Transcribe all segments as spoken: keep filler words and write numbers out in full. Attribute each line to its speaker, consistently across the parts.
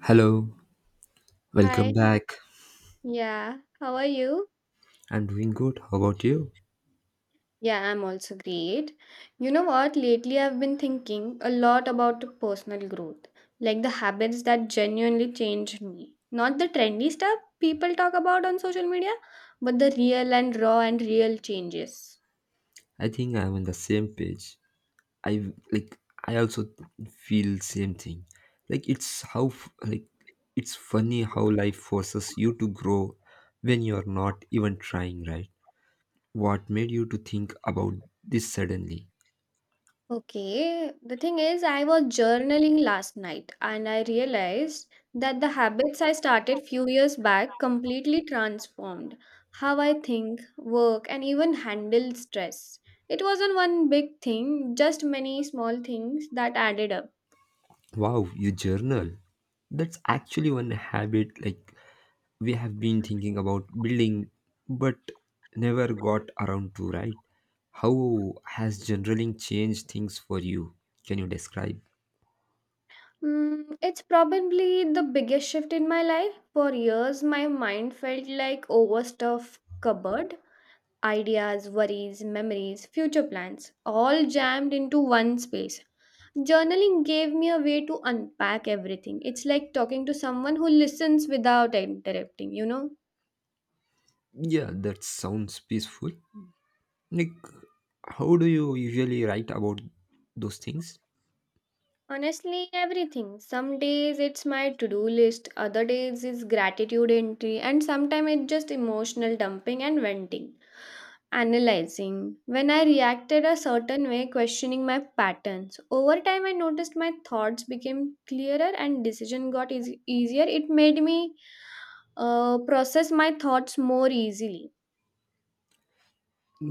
Speaker 1: Hello, welcome
Speaker 2: Hi.
Speaker 1: back.
Speaker 2: Yeah, how are you?
Speaker 1: I'm doing good. How about you?
Speaker 2: Yeah, I'm also great. You know what? Lately, I've been thinking a lot about personal growth, like the habits that genuinely changed me. Not the trendy stuff people talk about on social media, but the real and raw and real changes.
Speaker 1: I think I'm on the same page. I like I also feel same thing. Like it's how f- like it's funny how life forces you to grow when you're not even trying, right? What made you to think about this suddenly?
Speaker 2: Okay, the thing is, I was journaling last night and I realized that the habits I started few years back completely transformed how I think, work, and even handle stress. It wasn't one big thing, just many small things that added up.
Speaker 1: Wow, you journal. That's actually one habit like we have been thinking about building but never got around to, right? How has journaling changed things for you? Can you describe?
Speaker 2: Mm, it's probably the biggest shift in my life. For years, my mind felt like overstuffed cupboard. Ideas, worries, memories, future plans, all jammed into one space. Journaling gave me a way to unpack everything. It's like talking to someone who listens without interrupting, you know?
Speaker 1: Yeah, that sounds peaceful. Like, how do you usually write about those things?
Speaker 2: Honestly, everything. Some days it's my to do list, other days it's gratitude entry, and sometimes it's just emotional dumping and venting. Analyzing. When I reacted a certain way, questioning my patterns. Over time, I noticed my thoughts became clearer and decision got eas- easier. It made me uh, process my thoughts more easily.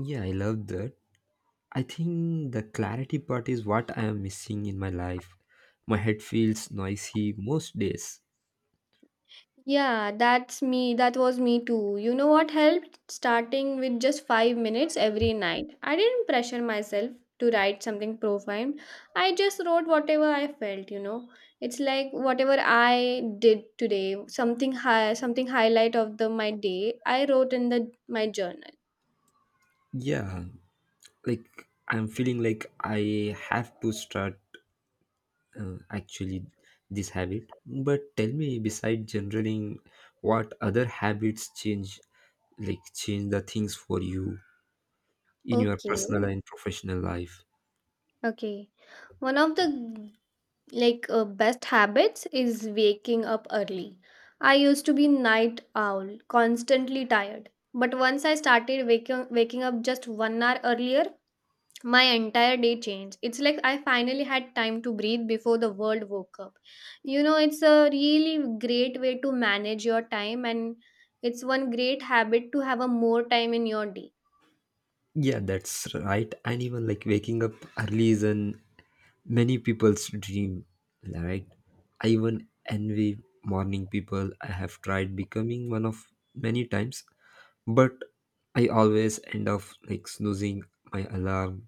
Speaker 1: Yeah, I love that. I think the clarity part is what I am missing in my life. My head feels noisy most days.
Speaker 2: Yeah, that's me. That was me too. You know what helped? Starting with just five minutes every night. I didn't pressure myself to write something profound. I just wrote whatever I felt, you know. It's like whatever I did today, something high, something highlight of the my day, I wrote in the my journal.
Speaker 1: Yeah, like I'm feeling like I have to start uh, actually this habit. But tell me, beside journaling, what other habits change, like change the things for you in your
Speaker 2: Okay.
Speaker 1: personal and professional life?
Speaker 2: Okay. One of the like uh, best habits is waking up early. I used to be night owl, constantly tired. But once I started waking waking up just one hour earlier, my entire day changed. It's like I finally had time to breathe before the world woke up. You know, it's a really great way to manage your time, and it's one great habit to have a more time in your day.
Speaker 1: Yeah, that's right. And even like waking up early is an many people's dream, right? I even envy morning people. I have tried becoming one of many times, but I always end up like snoozing my alarm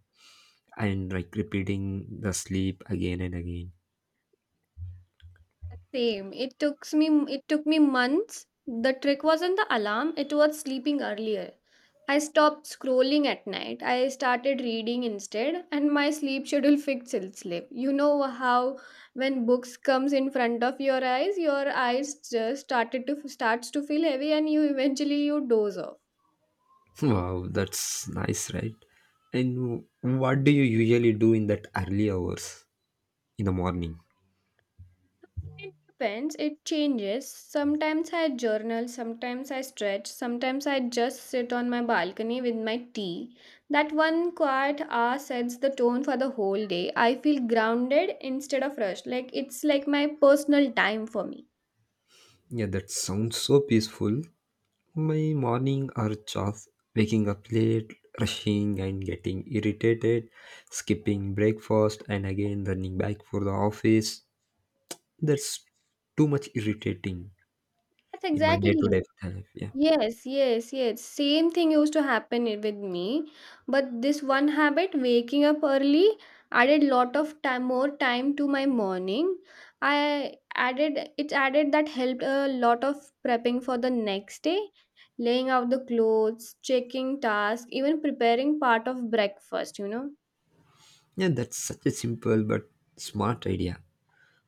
Speaker 1: and like repeating the sleep again and again.
Speaker 2: Same. It took me it took me months. The trick wasn't the alarm, it was sleeping earlier. I stopped scrolling at night. I started reading instead and my sleep schedule fixed itself. You know how when books comes in front of your eyes, your eyes just started to starts to feel heavy and you eventually you doze off.
Speaker 1: Wow, that's nice, right? And what do you usually do in that early hours in the morning?
Speaker 2: It depends. It changes. Sometimes I journal, sometimes I stretch, sometimes I just sit on my balcony with my tea. That one quiet hour sets the tone for the whole day. I feel grounded instead of rushed. Like it's like my personal time for me.
Speaker 1: Yeah, that sounds so peaceful. My morning are just waking up late, rushing and getting irritated, skipping breakfast and again running back for the office. That's too much irritating
Speaker 2: That's
Speaker 1: in my
Speaker 2: exactly.
Speaker 1: day-to-day life. Yeah.
Speaker 2: Yes, yes, yes. Same thing used to happen i- with me, but this one habit, waking up early, added lot of time, more time to my morning. I added it added that helped a lot of prepping for the next day, laying out the clothes, checking tasks, even preparing part of breakfast, you know.
Speaker 1: Yeah, that's such a simple but smart idea.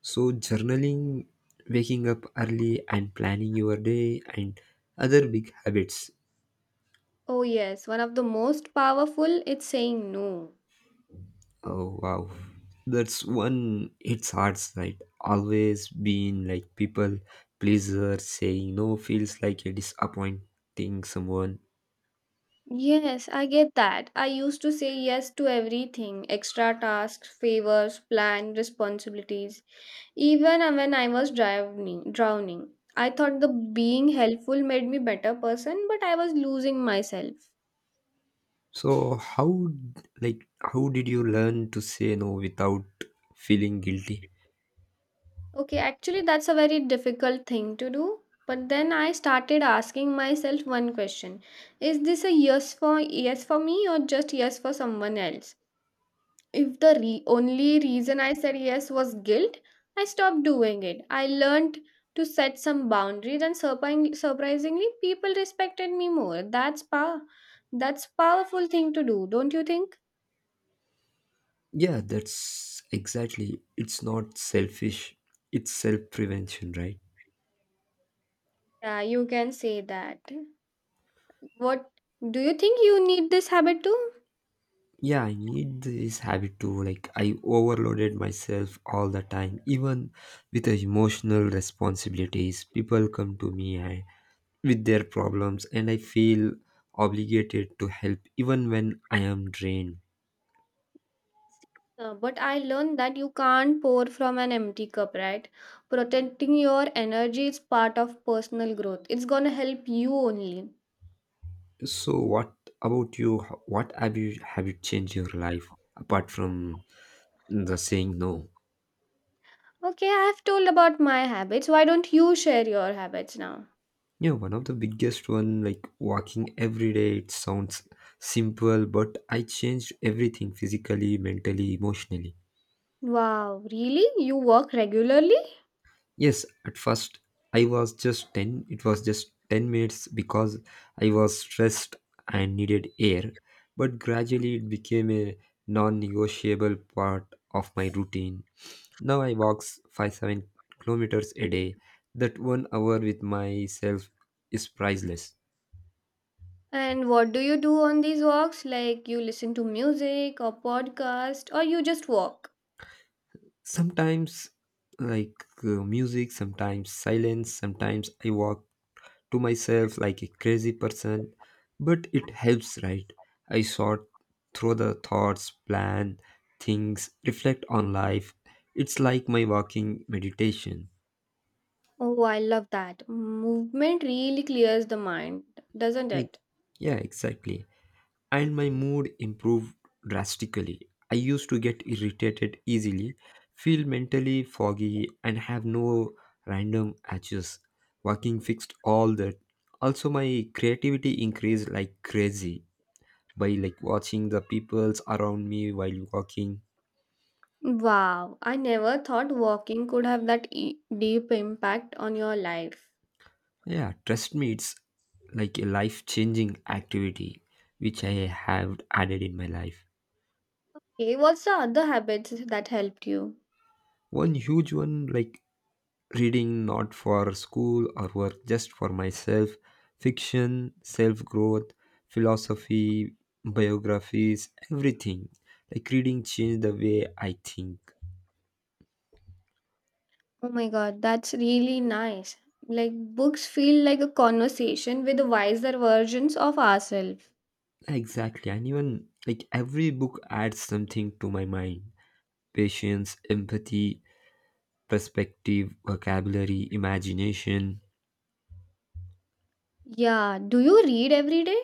Speaker 1: So, journaling, waking up early, and planning your day, and other big habits.
Speaker 2: Oh yes, one of the most powerful it's saying no.
Speaker 1: Oh, wow. That's one, it's hard, right? Always being like people pleaser, saying no feels like a disappointing someone.
Speaker 2: Yes, I get that. I used to say yes to everything extra tasks, favors, plan, responsibilities, even uh, when I was drowning. drowning. I thought the being helpful made me better person, but I was losing myself.
Speaker 1: So, how, like, how did you learn to say no without feeling guilty?
Speaker 2: Okay, actually that's a very difficult thing to do, but then I started asking myself one question. Is this a yes for yes for me or just yes for someone else? If the re- only reason I said yes was guilt, I stopped doing it. I learned to set some boundaries, and surpri- surprisingly, people respected me more. That's power. That's powerful thing to do, don't you think?
Speaker 1: Yeah, that's exactly. It's not selfish, it's self prevention, right?
Speaker 2: Yeah, you can say that. What do you think you need this habit too?
Speaker 1: Yeah, I need this habit to like, I overloaded myself all the time, even with the emotional responsibilities. People come to me and, with their problems, and I feel obligated to help even when I am drained.
Speaker 2: Uh, but I learned that you can't pour from an empty cup, right? Protecting your energy is part of personal growth. It's gonna help you only.
Speaker 1: So what about you, Ho- what have you, have you changed your life apart from the saying no?
Speaker 2: Okay, I've told about my habits. Why don't you share your habits now?
Speaker 1: Yeah, one of the biggest one, like walking every day. It sounds simple but I changed everything physically, mentally, emotionally.
Speaker 2: Wow, really? You walk regularly?
Speaker 1: Yes, at first I was just ten. It was just ten minutes because I was stressed and needed air. But gradually it became a non negotiable part of my routine. Now I walk five seven kilometers a day. That one hour with myself is priceless.
Speaker 2: And what do you do on these walks? Like you listen to music or podcast or you just walk?
Speaker 1: Sometimes, like uh, music, sometimes silence, sometimes I walk to myself like a crazy person, but it helps, right? I sort through the thoughts, plan things, reflect on life. It's like my walking meditation.
Speaker 2: Oh, I love that. Movement really clears the mind, doesn't
Speaker 1: E-
Speaker 2: it?
Speaker 1: Yeah, exactly. And my mood improved drastically. I used to get irritated easily, feel mentally foggy, and have no random edges. Walking fixed all that. Also, my creativity increased like crazy, by like watching the peoples around me while walking.
Speaker 2: Wow, I never thought walking could have that e- deep impact on your life.
Speaker 1: Yeah, trust me, it's like a life changing activity which I have added in my life.
Speaker 2: Okay, what's the other habits that helped you?
Speaker 1: One huge one, like reading not for school or work, just for myself, fiction, self growth, philosophy, biographies, everything. Like reading changed the way I think.
Speaker 2: Oh my god, that's really nice. Like books feel like a conversation with wiser versions of ourselves.
Speaker 1: Exactly, and even like every book adds something to my mind: patience, empathy, perspective, vocabulary, imagination.
Speaker 2: Yeah, do you read every day?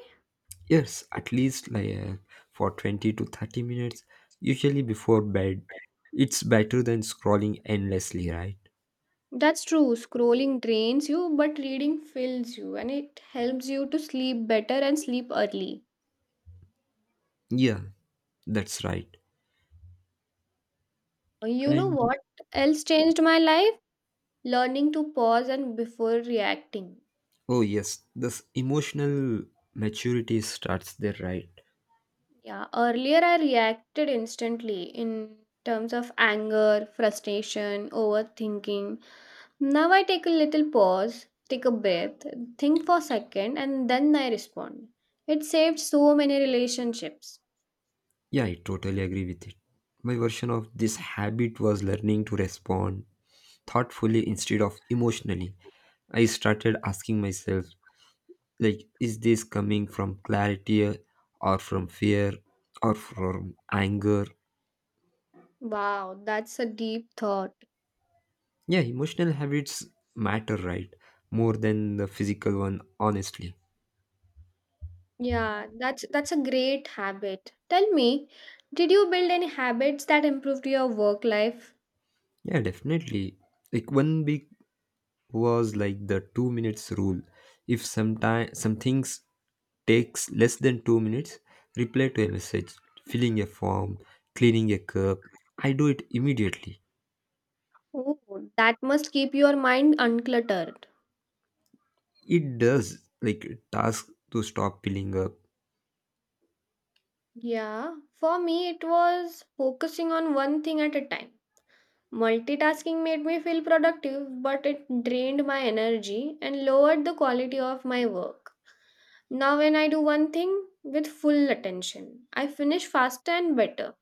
Speaker 1: Yes, at least like uh, for twenty to thirty minutes, usually before bed. It's better than scrolling endlessly, right?
Speaker 2: That's true. Scrolling drains you, but reading fills you and it helps you to sleep better and sleep early.
Speaker 1: Yeah, that's right.
Speaker 2: You know
Speaker 1: And
Speaker 2: what else changed my life? Learning to pause and before reacting.
Speaker 1: oh yes, this emotional maturity starts there, right?
Speaker 2: Yeah, earlier I reacted instantly in terms of anger, frustration, overthinking. Now I take a little pause, take a breath, think for a second, and then I respond. It saved so many relationships.
Speaker 1: Yeah, I totally agree with it. My version of this habit was learning to respond thoughtfully instead of emotionally. I started asking myself, like, is this coming from clarity, uh, or from fear or from anger?
Speaker 2: Wow, that's a deep thought.
Speaker 1: Yeah, emotional habits matter, right? More than the physical one, honestly.
Speaker 2: Yeah, that's that's a great habit. Tell me, did you build any habits that improved your work life?
Speaker 1: Yeah, definitely. Like one big was like the two minutes rule. If sometime some things takes less than two minutes, reply to a message, filling a form, cleaning a cup, I do it immediately.
Speaker 2: Oh, that must keep your mind uncluttered.
Speaker 1: It does, like, task to stop piling up.
Speaker 2: Yeah, for me, it was focusing on one thing at a time. Multitasking made me feel productive, but it drained my energy and lowered the quality of my work. Now, when I do one thing with full attention, I finish faster and better.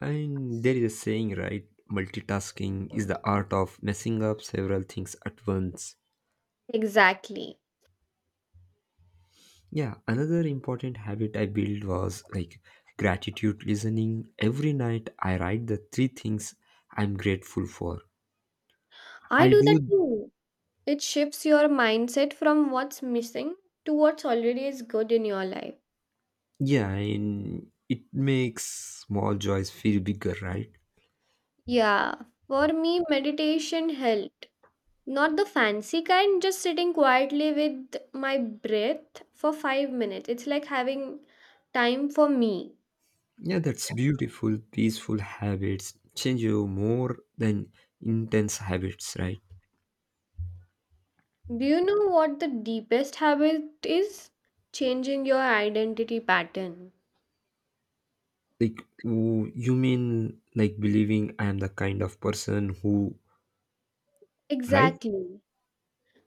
Speaker 1: And there is a saying, right? Multitasking is the art of messing up several things at once.
Speaker 2: Exactly.
Speaker 1: Yeah, another important habit I built was like gratitude listening. Every night I write the three things I'm grateful for.
Speaker 2: I
Speaker 1: I
Speaker 2: do that
Speaker 1: do,
Speaker 2: too. It shifts your mindset from what's missing to what's already is good in your life.
Speaker 1: yeah, and it makes small joys feel bigger, right?
Speaker 2: Yeah, for me, meditation helped. Not the fancy kind, just sitting quietly with my breath for five minutes. It's like having time for me.
Speaker 1: Yeah, that's beautiful, peaceful habits change you more than intense habits, right?
Speaker 2: Do you know what the deepest habit is? Changing your identity pattern.
Speaker 1: Like, w- you mean like believing I am the kind of person who, right?
Speaker 2: Exactly.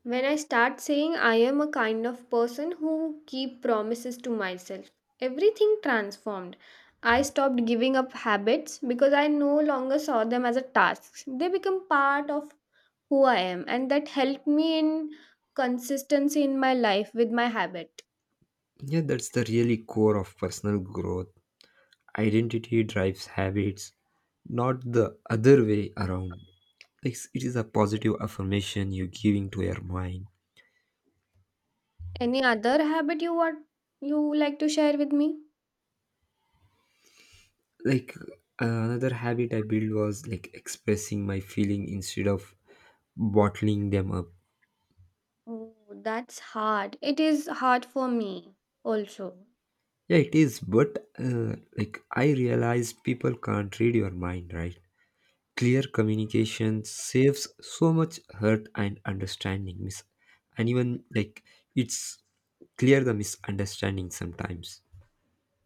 Speaker 2: When I start saying I am a kind of person who keep promises to myself, everything transformed. I stopped giving up habits because I no longer saw them as a task. They become part of who I am, and that helped me in consistency in my life with my habit.
Speaker 1: Yeah, that's the really core of personal growth. Identity drives habits, not the other way around. Like, it is a positive affirmation you're giving to your mind.
Speaker 2: Any other habit you want You like to share with me?
Speaker 1: Like, another habit I built was like expressing my feeling instead of bottling them up.
Speaker 2: Oh, that's hard. It is hard for me also.
Speaker 1: Yeah, it is, but uh, like I realize people can't read your mind, right? Clear communication saves so much hurt and understanding. Mis- and even like it's clear the misunderstanding sometimes.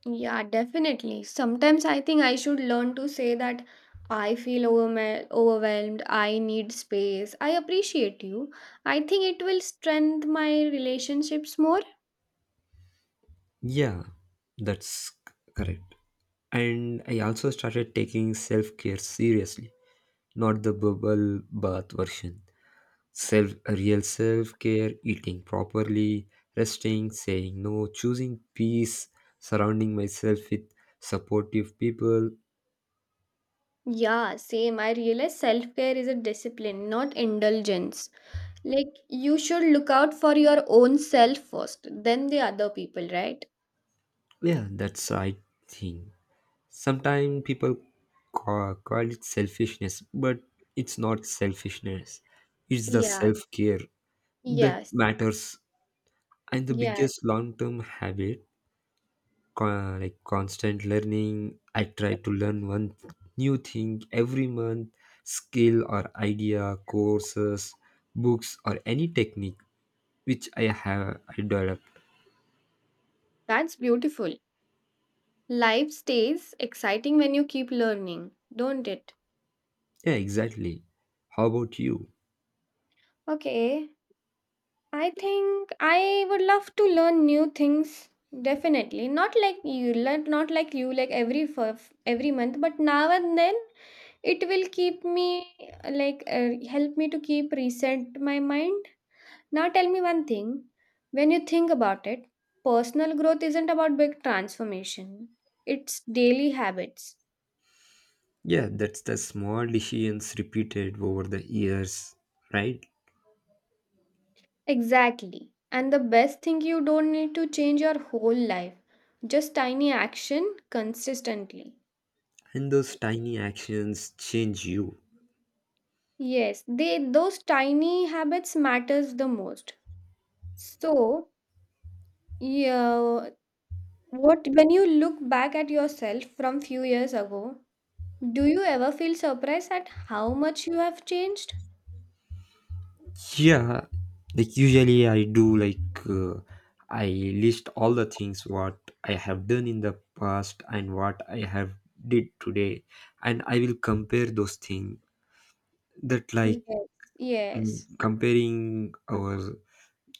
Speaker 2: Yeah, definitely. Sometimes I think I should learn to say that I feel overwhelmed, overwhelmed, I need space. I appreciate you. I think it will strengthen my relationships more.
Speaker 1: Yeah, that's c- correct. And I also started taking self care seriously, not the bubble bath version. Self real self care, eating properly, resting, saying no, choosing peace, surrounding myself with supportive people.
Speaker 2: Yeah, same. I realize self care is a discipline, not indulgence. Like you should look out for your own self first, then the other people, right?
Speaker 1: Yeah, that's I think. Sometimes people ca- call it selfishness, but it's not selfishness. It's the
Speaker 2: Yeah.
Speaker 1: self care that
Speaker 2: Yes.
Speaker 1: matters. And the
Speaker 2: Yeah.
Speaker 1: biggest long term habit, co- like constant learning. I try to learn one new thing every month, skill or idea, courses, books, or any technique which I have I developed.
Speaker 2: That's beautiful. Life stays exciting when you keep learning, don't it?
Speaker 1: Yeah, exactly. How about you?
Speaker 2: Okay. I think I would love to learn new things. Definitely. Not like you learn not like you like every for every month, but now and then it will keep me uh, like uh, help me to keep reset my mind. Now tell me one thing. When you think about it, personal growth isn't about big transformation, it's daily habits.
Speaker 1: Yeah, that's the small decisions repeated over the years, right?
Speaker 2: Exactly. And the best thing, you don't need to change your whole life, just tiny action consistently.
Speaker 1: And those tiny actions change you.
Speaker 2: Yes, they those tiny habits matters the most. So, yeah, what when you look back at yourself from few years ago, do you ever feel surprised at how much you have changed?
Speaker 1: Yeah, like usually I do, like uh, I list all the things what I have done in the past and what I have did today, and I will compare those things. That, like,
Speaker 2: Yes,
Speaker 1: mm,
Speaker 2: yes.
Speaker 1: comparing our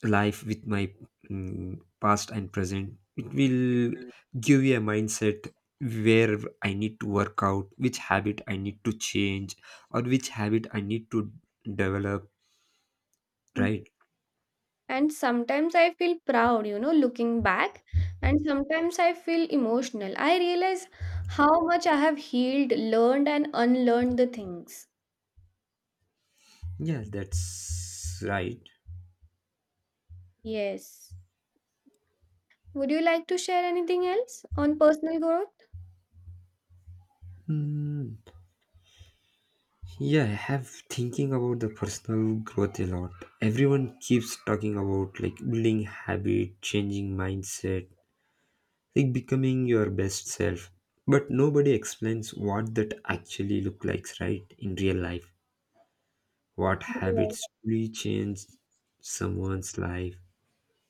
Speaker 1: life with my mm, past and present, it will give you a mindset where I need to work out which habit I need to change or which habit I need to develop,
Speaker 2: Mm.
Speaker 1: right?
Speaker 2: And sometimes I feel proud, you know, looking back, and sometimes I feel emotional. I realize how much I have healed, learned, and unlearned the things.
Speaker 1: Yes, that's right.
Speaker 2: Yes. Would you like to share anything else on personal growth?
Speaker 1: Mm, yeah, I have thinking about the personal growth a lot. Everyone keeps talking about like building habit, changing mindset, like becoming your best self, but nobody explains what that actually look like right in real life, what
Speaker 2: Yes.
Speaker 1: habits really change someone's life.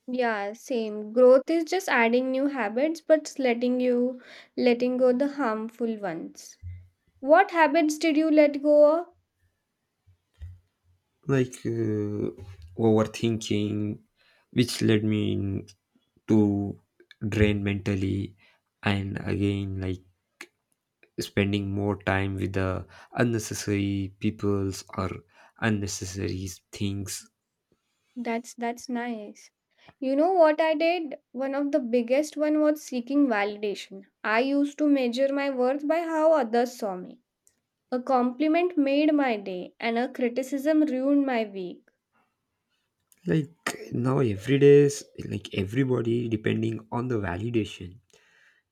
Speaker 2: Yeah, same. Growth is just adding new habits, but letting you letting go the harmful ones. What habits did you let go of?
Speaker 1: Like uh, overthinking, which led me in to drain mentally, and again like spending more time with the unnecessary peoples or unnecessary things.
Speaker 2: That's that's nice. You know what I did? One of the biggest one was seeking validation. I used to measure my worth by how others saw me. A compliment made my day and a criticism ruined my week.
Speaker 1: Like now, every day, is- like everybody, depending on the validation,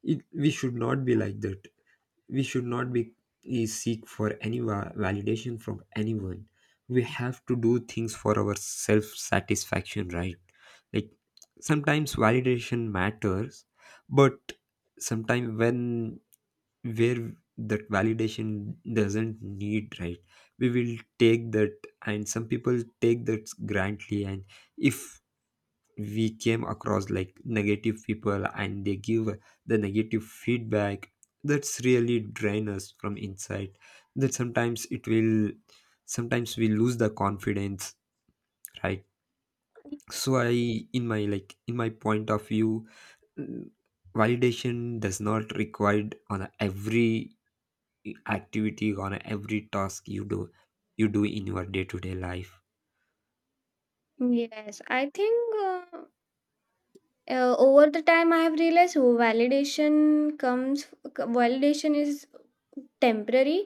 Speaker 1: it, we should not be like that. We should not be eh, seek for any va- validation from anyone. We have to do things for our self satisfaction, right? Like, sometimes validation matters, but sometimes when, where that validation doesn't need, right? We will take that, and some people take that grantly, and if we came across like negative people and they give the negative feedback, that's really drain us from inside. That sometimes it will, sometimes we lose the confidence, right? So I, in my, like in my point of view, mm, validation does not required on every activity, on every task you do you do in your day-to-day life.
Speaker 2: Yes, I think uh, uh, over the time I have realized oh, validation comes validation is temporary.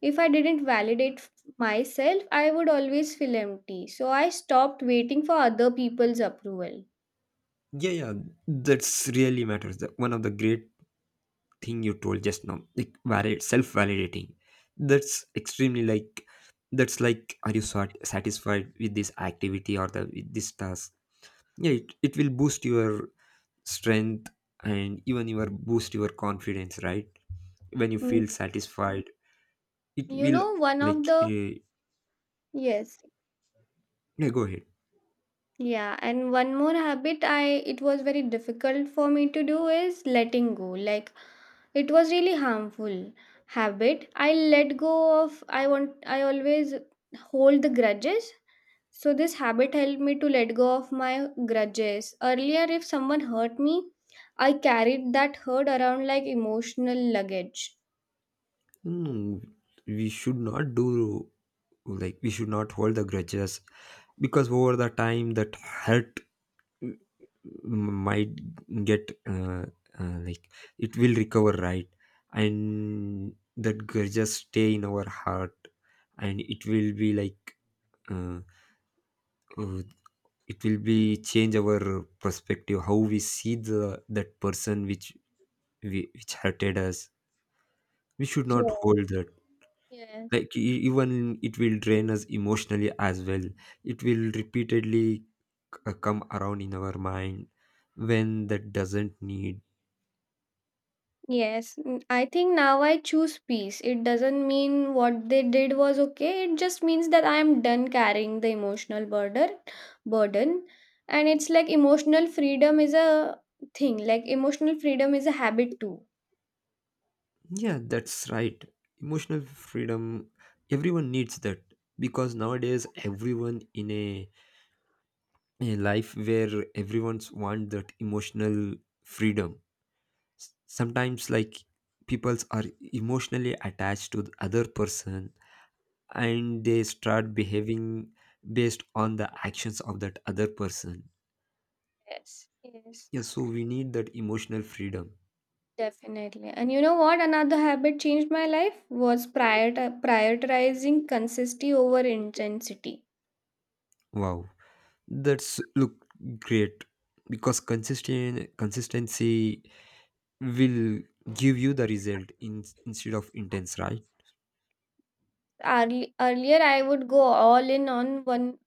Speaker 2: If I didn't validate f- myself, I would always feel empty. So I stopped waiting for other people's approval.
Speaker 1: Yeah, yeah, that's really matters, the one of the great thing you told just now, like valid self-validating, that's extremely like, that's like, are you sort satisfied with this activity or the with this task? Yeah, it, it will boost your strength and even your boost your confidence, right? When you
Speaker 2: Mm,
Speaker 1: feel
Speaker 2: yes.
Speaker 1: satisfied, it
Speaker 2: You
Speaker 1: will,
Speaker 2: know, one of
Speaker 1: like
Speaker 2: the
Speaker 1: eh,
Speaker 2: yes,
Speaker 1: yeah, go ahead.
Speaker 2: yeah, and one more habit I it was very difficult for me to do is letting go. Like it was really harmful habit. I let go of I want I always hold the grudges. So this habit helped me to let go of my grudges. Earlier, if someone hurt me, I carried that hurt around like emotional luggage.
Speaker 1: Hmm, we should not do, like we should not hold the grudges, because over the time that hurt might get uh, uh, like it will recover, right? And that girl just stay in our heart, and it will be like uh, uh, it will be change our perspective how we see the that person which we, which hurted us. We should not hold
Speaker 2: Yes.
Speaker 1: that.
Speaker 2: Yes.
Speaker 1: Like e- even it will drain us emotionally as well. It will repeatedly c- uh, come around in our mind when that doesn't need.
Speaker 2: Yes, n- I think now I choose peace. It doesn't mean what they did was okay. It just means that I am done carrying the emotional burden, burden, and it's like emotional freedom is a thing. Like emotional freedom is a habit too.
Speaker 1: Yeah, that's right. Emotional freedom, everyone needs that, because nowadays everyone in a, a life where everyone's want that emotional freedom. S- Sometimes like peoples are emotionally attached to the other person, and they start behaving based on the actions of that other person.
Speaker 2: Yes, yes,
Speaker 1: Yeah, so we need that emotional freedom.
Speaker 2: definitely. And you know what? Another habit changed my life was prior prioritizing consistency over intensity.
Speaker 1: Wow. That's look great, because consistent consistency will give you the result in, instead of intense, right?
Speaker 2: Early, earlier I would go all in on one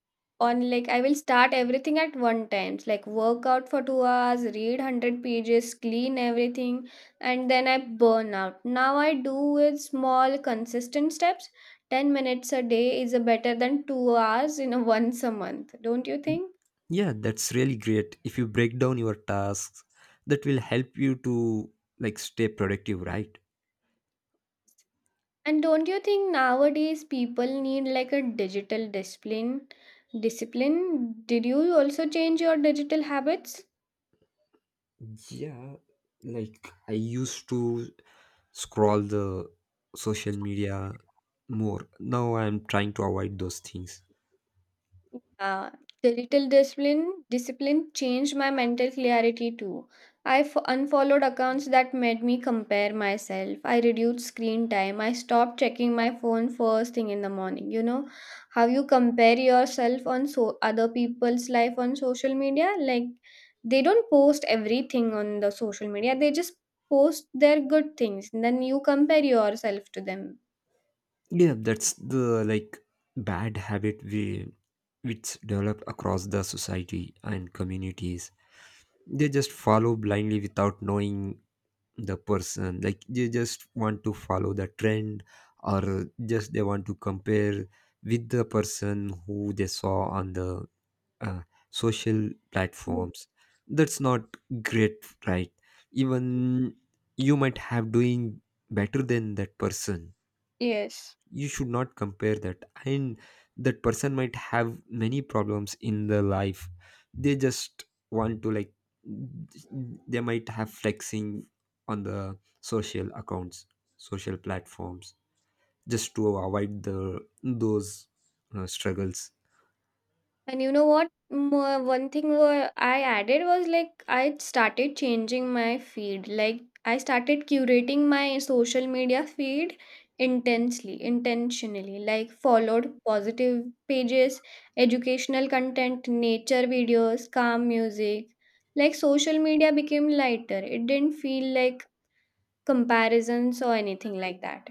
Speaker 2: on like I will start everything at one times like work out for two hours, read one hundred pages, clean everything, and then I burn out. Now I do with small consistent steps. Ten minutes a day is a better than two hours in a once a month, don't you think?
Speaker 1: Yeah, that's really great. If you break down your tasks, that will help you to like stay productive, right?
Speaker 2: And don't you think nowadays people need like a digital discipline? Discipline? Did you also change your digital habits?
Speaker 1: Yeah, like I used to scroll the social media more. Now I'm trying to avoid those things.
Speaker 2: Uh, the little discipline discipline changed my mental clarity too. I f- unfollowed accounts that made me compare myself. I reduced screen time. I stopped checking my phone first thing in the morning. You know how you compare yourself on so other people's life on social media. Like they don't post everything on the social media. They just post their good things. And then you compare yourself to them.
Speaker 1: Yeah, that's the like bad habit we which develop across the society and communities. They just follow blindly without knowing the person. Like they just want to follow the trend, or just they want to compare with the person who they saw on the uh, social
Speaker 2: Mm.
Speaker 1: platforms. That's not great, right? Even you might have doing better than that person.
Speaker 2: Yes.
Speaker 1: You should not compare that, and that person might have many problems in their life. They just want to like, they might have flexing on the social accounts, social platforms, just to avoid the those uh, struggles.
Speaker 2: And you know what? Mo- One thing wha- I added was like I started changing my feed. Like I started curating my social media feed intensely, intentionally. Like followed positive pages, educational content, nature videos, calm music. Like social media became lighter. It didn't feel like comparisons or anything like that.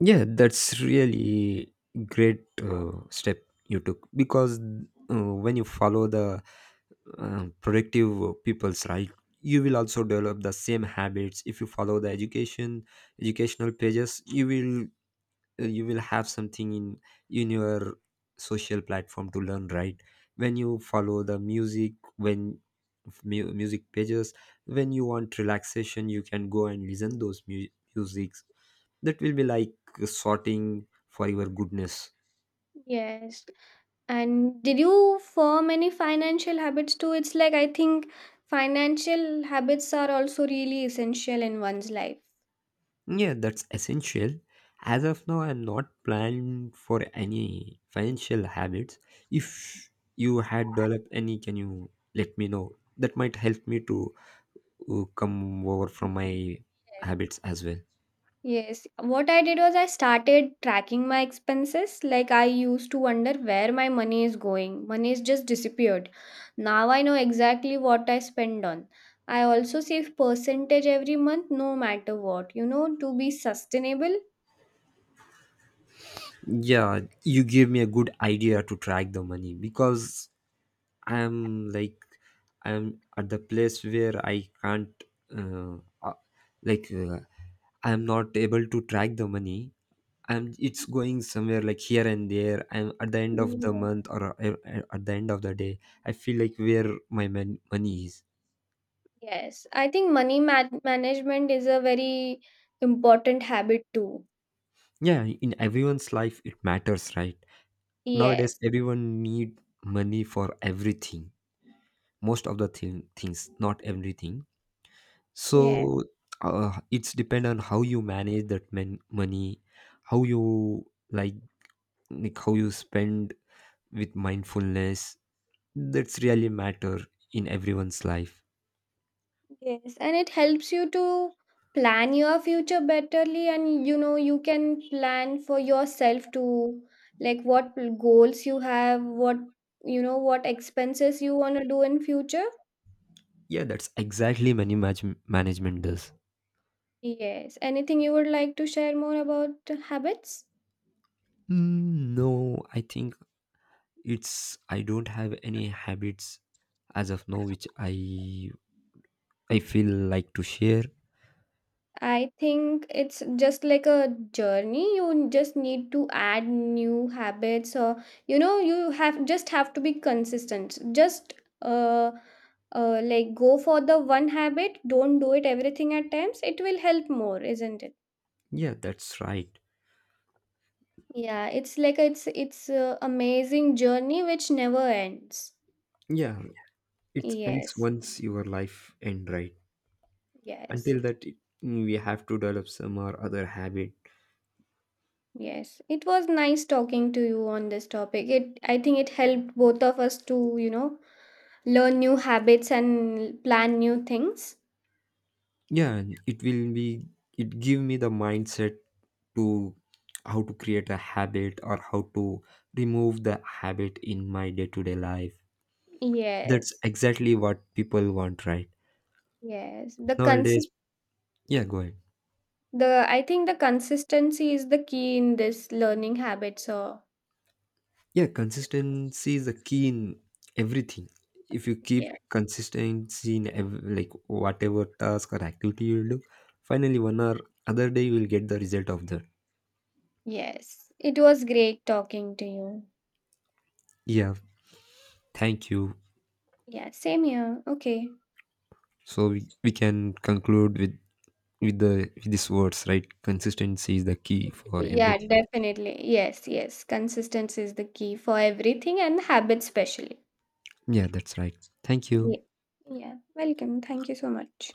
Speaker 1: Yeah, that's really great uh, step you took, because uh, when you follow the uh, productive people's, right, you will also develop the same habits. If you follow the education educational pages, you will, uh, you will have something in in your social platform to learn, right? When you follow the music, when mu- music pages, when you want relaxation, you can go and listen those mu- musics. That will be like sorting for your goodness.
Speaker 2: Yes. And did you form any financial habits too? It's like I think financial habits are also really essential in one's life.
Speaker 1: Yeah, that's essential. As of now, I'm not planned for any financial habits. If you had developed any, can you let me know? That might help me to uh, come over from my
Speaker 2: Yes.
Speaker 1: habits as well.
Speaker 2: Yes. What I did was I started tracking my expenses. Like I used to wonder where my money is going. Money is just disappeared. Now I know exactly what I spend on. I also save percentage every month, no matter what, you know, to be sustainable.
Speaker 1: Yeah, you gave me a good idea to track the money, because I'm like, I'm at the place where I can't uh, uh, like uh, I'm not able to track the money, and it's going somewhere like here and there, and at the end of the month, or uh, uh, at the end of the day, I feel like where my mon- money is.
Speaker 2: Yes, I think money man- management is a very important habit too.
Speaker 1: Yeah, in everyone's life it matters, right? Nowadays
Speaker 2: Yes,
Speaker 1: everyone need money for everything, most of the thing, things not everything,
Speaker 2: yes,
Speaker 1: so uh, it's depend on how you manage that man- money, how you like like how you spend with mindfulness, that's really matter in everyone's life.
Speaker 2: yes. And it helps you to plan your future betterly and you know you can plan for yourself too, like what goals you have, what you know what expenses you want to do in future.
Speaker 1: Yeah, that's exactly money manage- management does.
Speaker 2: Yes. Anything you would like to share more about habits?
Speaker 1: Mm, no, I think it's I don't have any habits as of now which I I feel like to share.
Speaker 2: I think it's just like a journey. You just need to add new habits, or you know, you have just have to be consistent. Just uh, uh, like go for the one habit. Don't do it everything at times. It will help more, isn't it?
Speaker 1: Yeah, that's right.
Speaker 2: Yeah, it's like it's it's a amazing journey which never ends.
Speaker 1: Yeah, it ends
Speaker 2: Yes,
Speaker 1: once your life end, right.
Speaker 2: yes,
Speaker 1: Until that it, we have to develop some or other habit.
Speaker 2: yes. It was nice talking to you on this topic. It I think it helped both of us to you know learn new habits and plan new things.
Speaker 1: Yeah, and it will be, it give me the mindset to how to create a habit or how to remove the habit in my day-to-day life. That's
Speaker 2: Yes,
Speaker 1: exactly what people want, right?
Speaker 2: yes, the
Speaker 1: Nowadays,
Speaker 2: consist
Speaker 1: yeah, go ahead.
Speaker 2: the i think the consistency is the key in this learning habit so.
Speaker 1: Yeah, consistency is the key in everything. If you keep
Speaker 2: Yeah,
Speaker 1: consistency in ev- like whatever task or activity you do, finally one or other day you will get the result of that.
Speaker 2: yes, it was great talking to you.
Speaker 1: Yeah, thank you.
Speaker 2: Yeah, same here, okay.
Speaker 1: So we, we can conclude with with the with these words, right? Consistency is the key for
Speaker 2: Yeah,
Speaker 1: everything.
Speaker 2: definitely, yes, yes, consistency is the key for everything and habits especially.
Speaker 1: Yeah, that's right. Thank you.
Speaker 2: Yeah, yeah. Welcome, thank you so much.